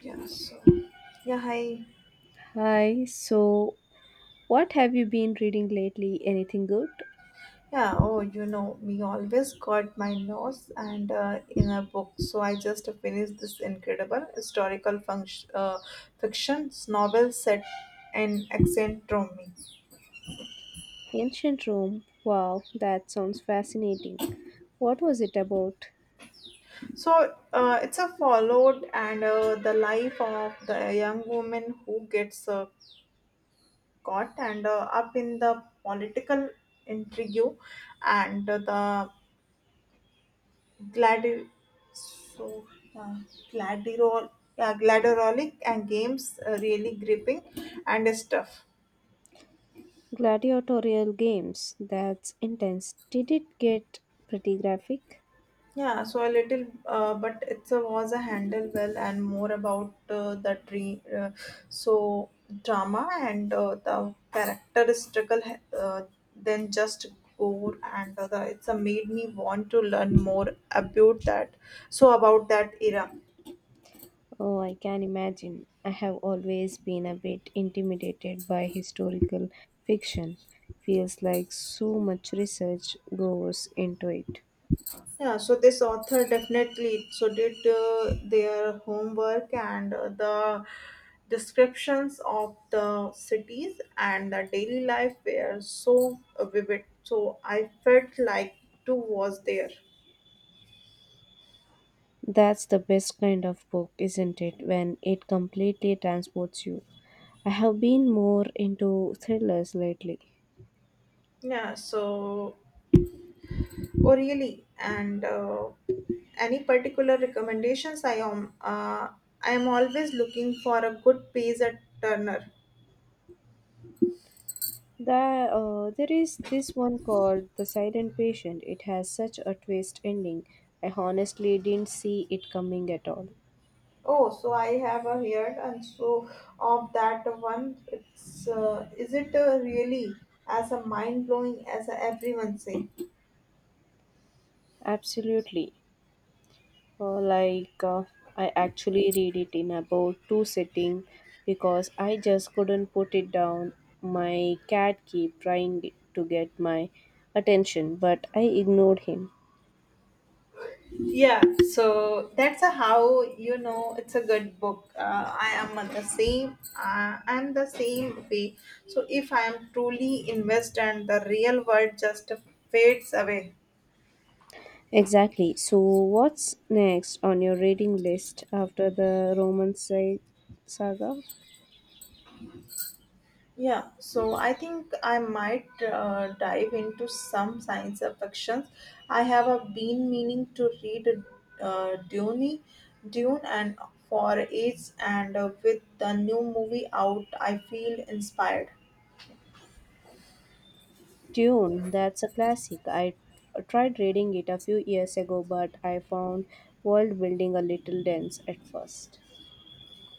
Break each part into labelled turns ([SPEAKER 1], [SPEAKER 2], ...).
[SPEAKER 1] Yeah, so yeah, hi.
[SPEAKER 2] Hi, so what have you been reading lately? Anything good?
[SPEAKER 1] Yeah, me always got my nose and in a book. So I just finished this incredible historical fiction novel set in accent Romy.
[SPEAKER 2] Ancient Rome. Wow, that sounds fascinating. What was it about?
[SPEAKER 1] So it's a followed and the life of the young woman who gets caught and up in the political intrigue and the gladi- so uh, gladirol yeah, gladiolistic and games really gripping and stuff.
[SPEAKER 2] Gladiatorial games. That's intense. Did it get pretty graphic?
[SPEAKER 1] Yeah so a little but it's a was a handle well and more about the dream so drama and the characteristical uh, than just gore and other it's a made me want to learn more about that so about that era.
[SPEAKER 2] Oh, I can imagine. I have always been a bit intimidated by historical fiction. Feels like so much research goes into it.
[SPEAKER 1] Yeah, so this author definitely so did their homework and the descriptions of the cities and the daily life were so vivid. So I felt like too was there.
[SPEAKER 2] That's the best kind of book, isn't it? When it completely transports you. I have been more into thrillers lately.
[SPEAKER 1] Yeah, so oh really, and any particular recommendations? I am I am always looking for a good page at Turner.
[SPEAKER 2] There is this one called The Silent Patient. It has such a twist ending. I honestly didn't see it coming at all.
[SPEAKER 1] Oh, so I have heard and so of that one. It's is it really as a mind blowing as everyone say?
[SPEAKER 2] Absolutely. Uh, like uh, I actually read it in about two sitting because I just couldn't put it down. My cat keep trying to get my attention, but I ignored him.
[SPEAKER 1] Yeah. So that's a how you know it's a good book. I am the same way. So if I am truly invested, the real world just fades away.
[SPEAKER 2] Exactly. So what's next on your reading list after the saga?
[SPEAKER 1] Yeah, so I think I might dive into some science fictions. I have been meaning to read Dune, Dune, and for ages, and with the new movie out, I feel inspired.
[SPEAKER 2] Dune, that's a classic. I tried reading it a few years ago, but I found world building a little dense at first.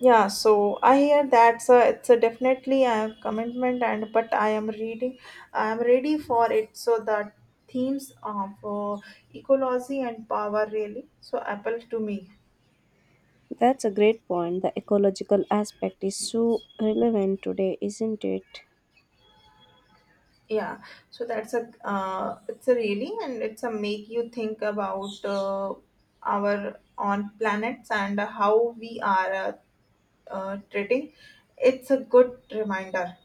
[SPEAKER 1] Yeah, so I hear that's it's a definitely a commitment, and but I am ready for it. So the themes of ecology and power really so appeal to me.
[SPEAKER 2] That's a great point. The ecological aspect is so relevant today, isn't it?
[SPEAKER 1] Yeah so that's a it's a really and it's a make you think about our on planets and how we are treating it's a good reminder.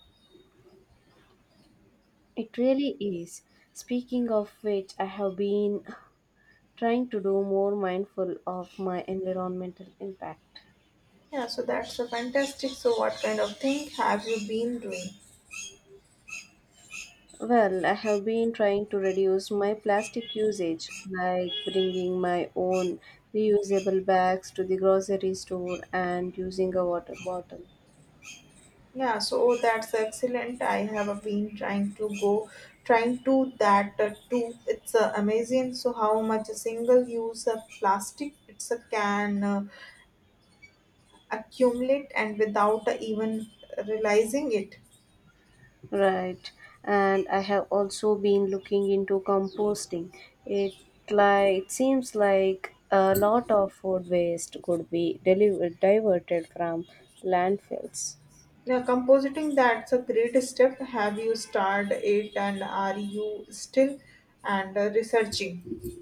[SPEAKER 2] It really is. Speaking of which, I have been trying to do more mindful of my environmental impact.
[SPEAKER 1] Yeah so that's a fantastic so what kind of thing have you been doing.
[SPEAKER 2] Well, I have been trying to reduce my plastic usage, like bringing my own reusable bags to the grocery store and using a water bottle.
[SPEAKER 1] Yeah so that's excellent, I have been trying to go trying to that too it's amazing so how much a single use of plastic it's a can accumulate and without even realizing it.
[SPEAKER 2] Right. And I have also been looking into composting. It it seems like a lot of food waste could be diverted from landfills.
[SPEAKER 1] Now, compositing that's a great step. Have you started it and are you still and researching?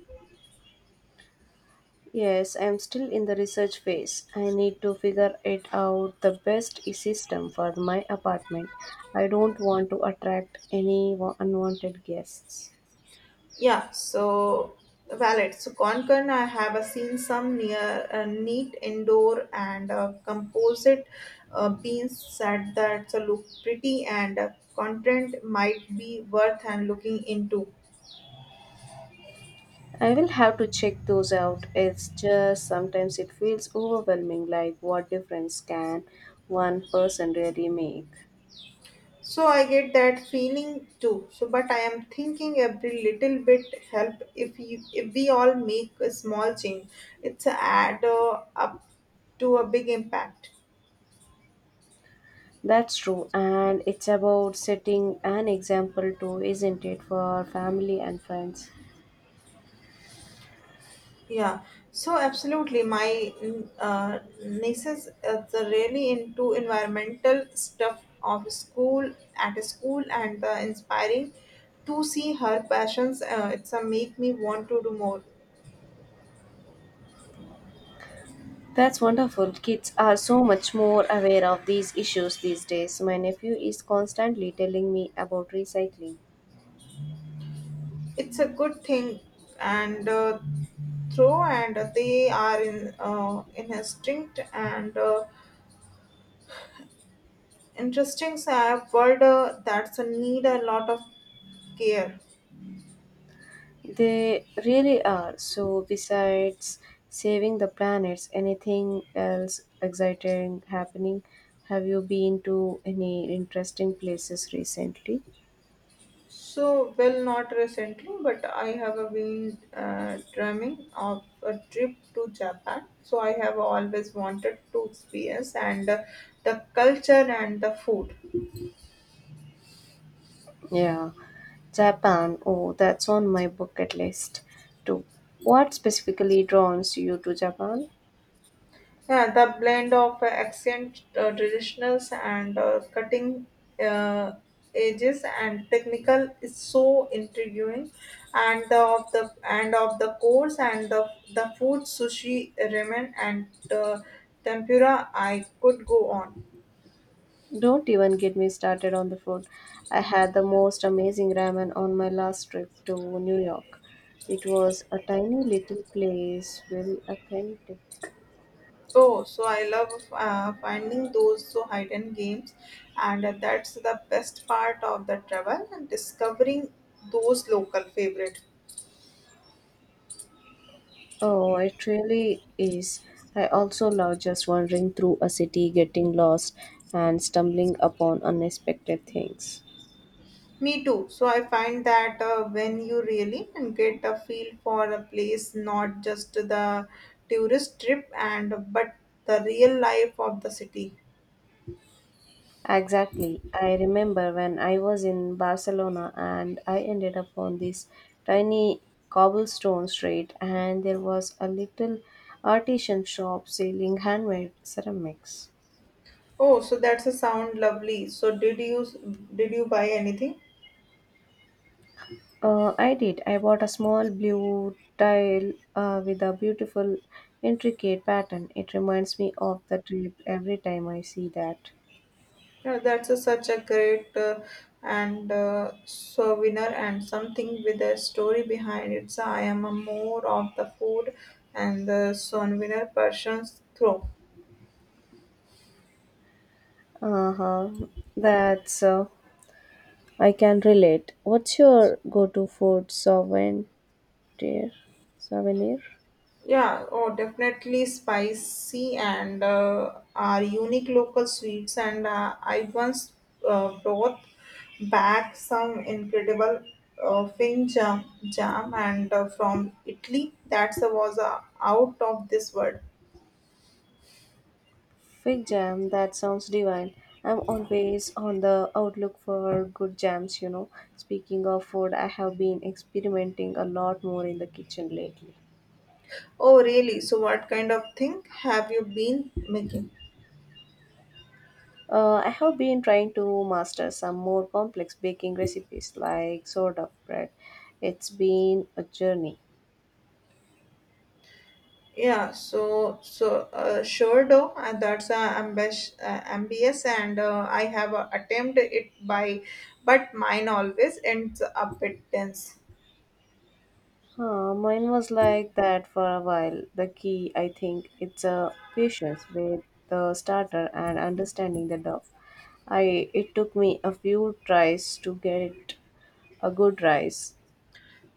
[SPEAKER 2] Yes, I am still in the research phase. I need to figure it out the best system for my apartment. I don't want to attract any unwanted guests.
[SPEAKER 1] Yeah, so valid. So Concon, I have seen some near neat indoor and composite beans set that look pretty and content might be worth and looking into.
[SPEAKER 2] I will have to check those out. It's just sometimes it feels overwhelming, like what difference can one person really make?
[SPEAKER 1] So I get that feeling too. So, but I am thinking every little bit help if you if we all make a small change, it's a add up to a big impact.
[SPEAKER 2] That's true, and it's about setting an example too, isn't it, for family and friends?
[SPEAKER 1] Yeah, so absolutely. My nieces are really into environmental stuff of school at a school and inspiring to see her passions. It's a make me want to do more.
[SPEAKER 2] That's wonderful. Kids are so much more aware of these issues these days. My nephew is constantly telling me about recycling.
[SPEAKER 1] It's a good thing and through and they are in a strict and interesting world that's a need a lot of care.
[SPEAKER 2] They really are. So, besides saving the planets, anything else exciting happening? Have you been to any interesting places recently?
[SPEAKER 1] So well not recently, but I have been dreaming of a trip to Japan, so I have always wanted to experience and the culture and the food.
[SPEAKER 2] Yeah, Japan. Oh, that's on my bucket list too. What specifically draws you to Japan?
[SPEAKER 1] Yeah, the blend of ancient traditionals and cutting uh, edges and technical is so intriguing, and the, of the and of the course and the food sushi ramen and uh, tempura. I could go on.
[SPEAKER 2] Don't even get me started on the food. I had the most amazing ramen on my last trip to New York. It was a tiny little place, very authentic.
[SPEAKER 1] Oh, so I love finding those so hidden games, and that's the best part of the travel and discovering those local favorites.
[SPEAKER 2] Oh, it really is. I also love just wandering through a city, getting lost, and stumbling upon unexpected things.
[SPEAKER 1] Me too. So I find that when you really get a feel for a place, not just the tourist trip and but the real life of the city.
[SPEAKER 2] Exactly. I remember when I was in Barcelona and I ended up on this tiny cobblestone street, and there was a little artisan shop selling handmade ceramics.
[SPEAKER 1] Oh, so that's a sound lovely. So did you buy anything?
[SPEAKER 2] I did. I bought a small blue tile with a beautiful, intricate pattern. It reminds me of the trip every time I see that.
[SPEAKER 1] Yeah, that's such a great and souvenir and something with a story behind it. So I am a more of the food and the souvenir persons through.
[SPEAKER 2] Uh huh. That's. I can relate. What's your go-to food souvenir? Souvenir?
[SPEAKER 1] Yeah, oh, definitely spicy and are unique local sweets. And I once brought back some incredible uh, fin jam, jam and from Italy. That was out of this world.
[SPEAKER 2] Fig jam. That sounds divine. I'm always on the outlook for good jams. You know. Speaking of food, I have been experimenting a lot more in the kitchen lately.
[SPEAKER 1] Oh, really? So, what kind of thing have you been making?
[SPEAKER 2] I have been trying to master some more complex baking recipes like sourdough bread. It's been a journey.
[SPEAKER 1] Yeah, so sure though, and that's ambitious, and I have attempted it by, but mine always ends up bit tense.
[SPEAKER 2] Mine was like that for a while. The key, I think, it's a patience with the starter and understanding the dough. I it took me a few tries to get a good rise.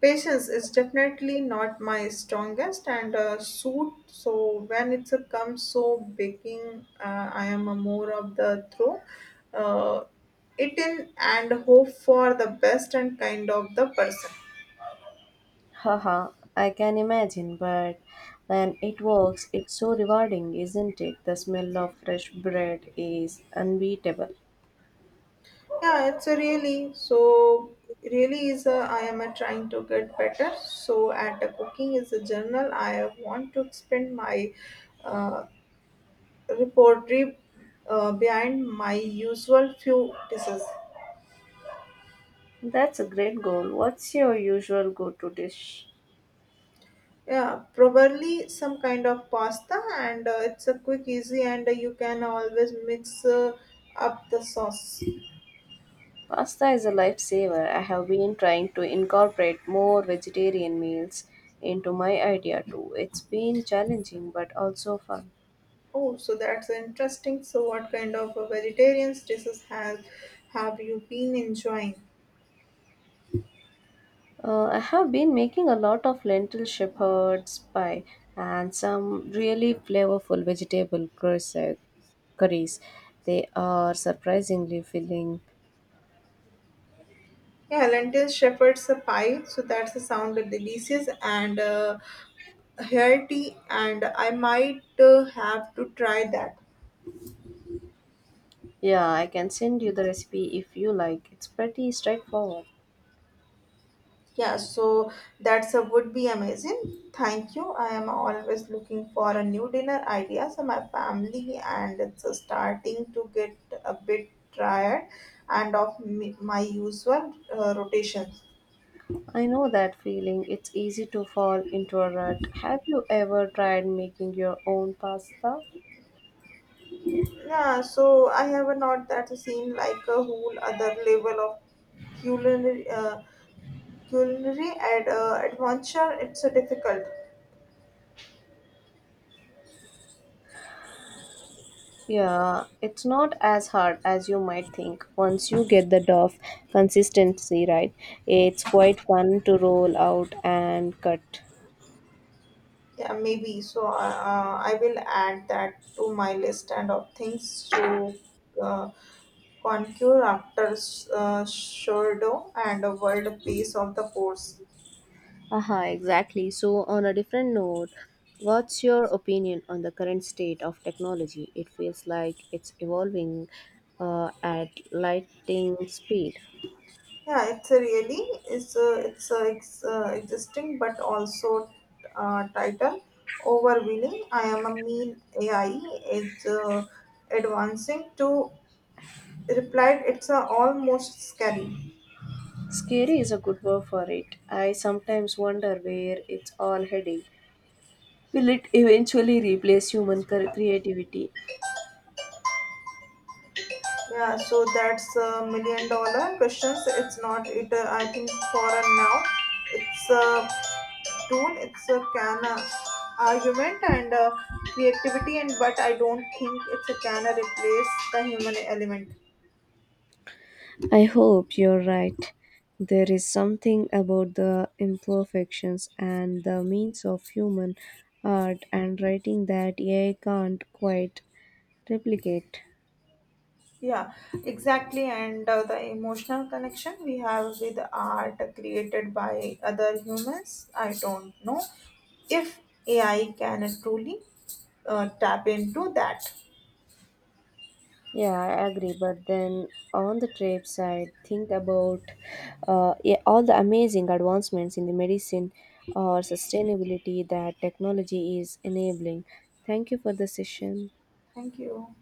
[SPEAKER 1] Patience is definitely not my strongest and suit. So when it comes so baking, I am a more of the throw, uh, it in and hope for the best and kind of the person.
[SPEAKER 2] Haha, I can imagine, but when it works, it's so rewarding, isn't it? The smell of fresh bread is unbeatable.
[SPEAKER 1] Yeah, it's a really so really is a I am a trying to get better. So at the cooking is a journal. I want to expand my uh, repertoire behind my usual few dishes.
[SPEAKER 2] That's a great goal. What's your usual go to dish?
[SPEAKER 1] Yeah, probably some kind of pasta, and it's a quick, easy, and you can always mix up the sauce.
[SPEAKER 2] Pasta is a lifesaver. I have been trying to incorporate more vegetarian meals into my idea too. It's been challenging but also fun.
[SPEAKER 1] Oh, so that's interesting. So, what kind of vegetarian dishes have you been enjoying?
[SPEAKER 2] I have been making a lot of lentil shepherd's pie and some really flavorful curries. They are surprisingly filling.
[SPEAKER 1] Yeah, lentil shepherd's a pie, so that's a sound delicious and hearty, and I might have to try that.
[SPEAKER 2] Yeah, I can send you the recipe if you like. It's pretty straightforward.
[SPEAKER 1] Yeah, so that's a would be amazing. Thank you. I am always looking for a new dinner idea. So my family and it's starting to get a bit tired, and of me, my usual rotations.
[SPEAKER 2] I know that feeling. It's easy to fall into a rut. Have you ever tried making your own pasta?
[SPEAKER 1] Yeah, so I have not that seen like a whole other level of culinary. Adventure it's a difficult.
[SPEAKER 2] Yeah, it's not as hard as you might think. Once you get the dough consistency right, it's quite fun to roll out and cut.
[SPEAKER 1] Yeah maybe so I will add that to my list and of things to uh, conquer after Shordo and a world peace of the force.
[SPEAKER 2] Aha, exactly. So, on a different note, what's your opinion on the current state of technology? It feels like it's evolving at lightning speed.
[SPEAKER 1] Yeah it's a really it's a existing but also title overwhelming, I am a mean AI is advancing to replied it's almost scary.
[SPEAKER 2] Scary is a good word for it. I sometimes wonder where it's all heading. Will it eventually replace creativity?
[SPEAKER 1] Yeah, so that's a million dollar questions. It's not it. I think for a now, it's a tool. It's a can argument and creativity, and but I don't think it's a can replace the human element.
[SPEAKER 2] I hope you're right. There is something about the imperfections and the means of human art and writing that AI can't quite replicate.
[SPEAKER 1] Yeah, exactly. And the emotional connection we have with art created by other humans, I don't know if AI can truly tap into that.
[SPEAKER 2] Yeah, I agree. But then on the trade side, think about yeah, all the amazing advancements in the medicine or sustainability that technology is enabling. Thank you for the session.
[SPEAKER 1] Thank you.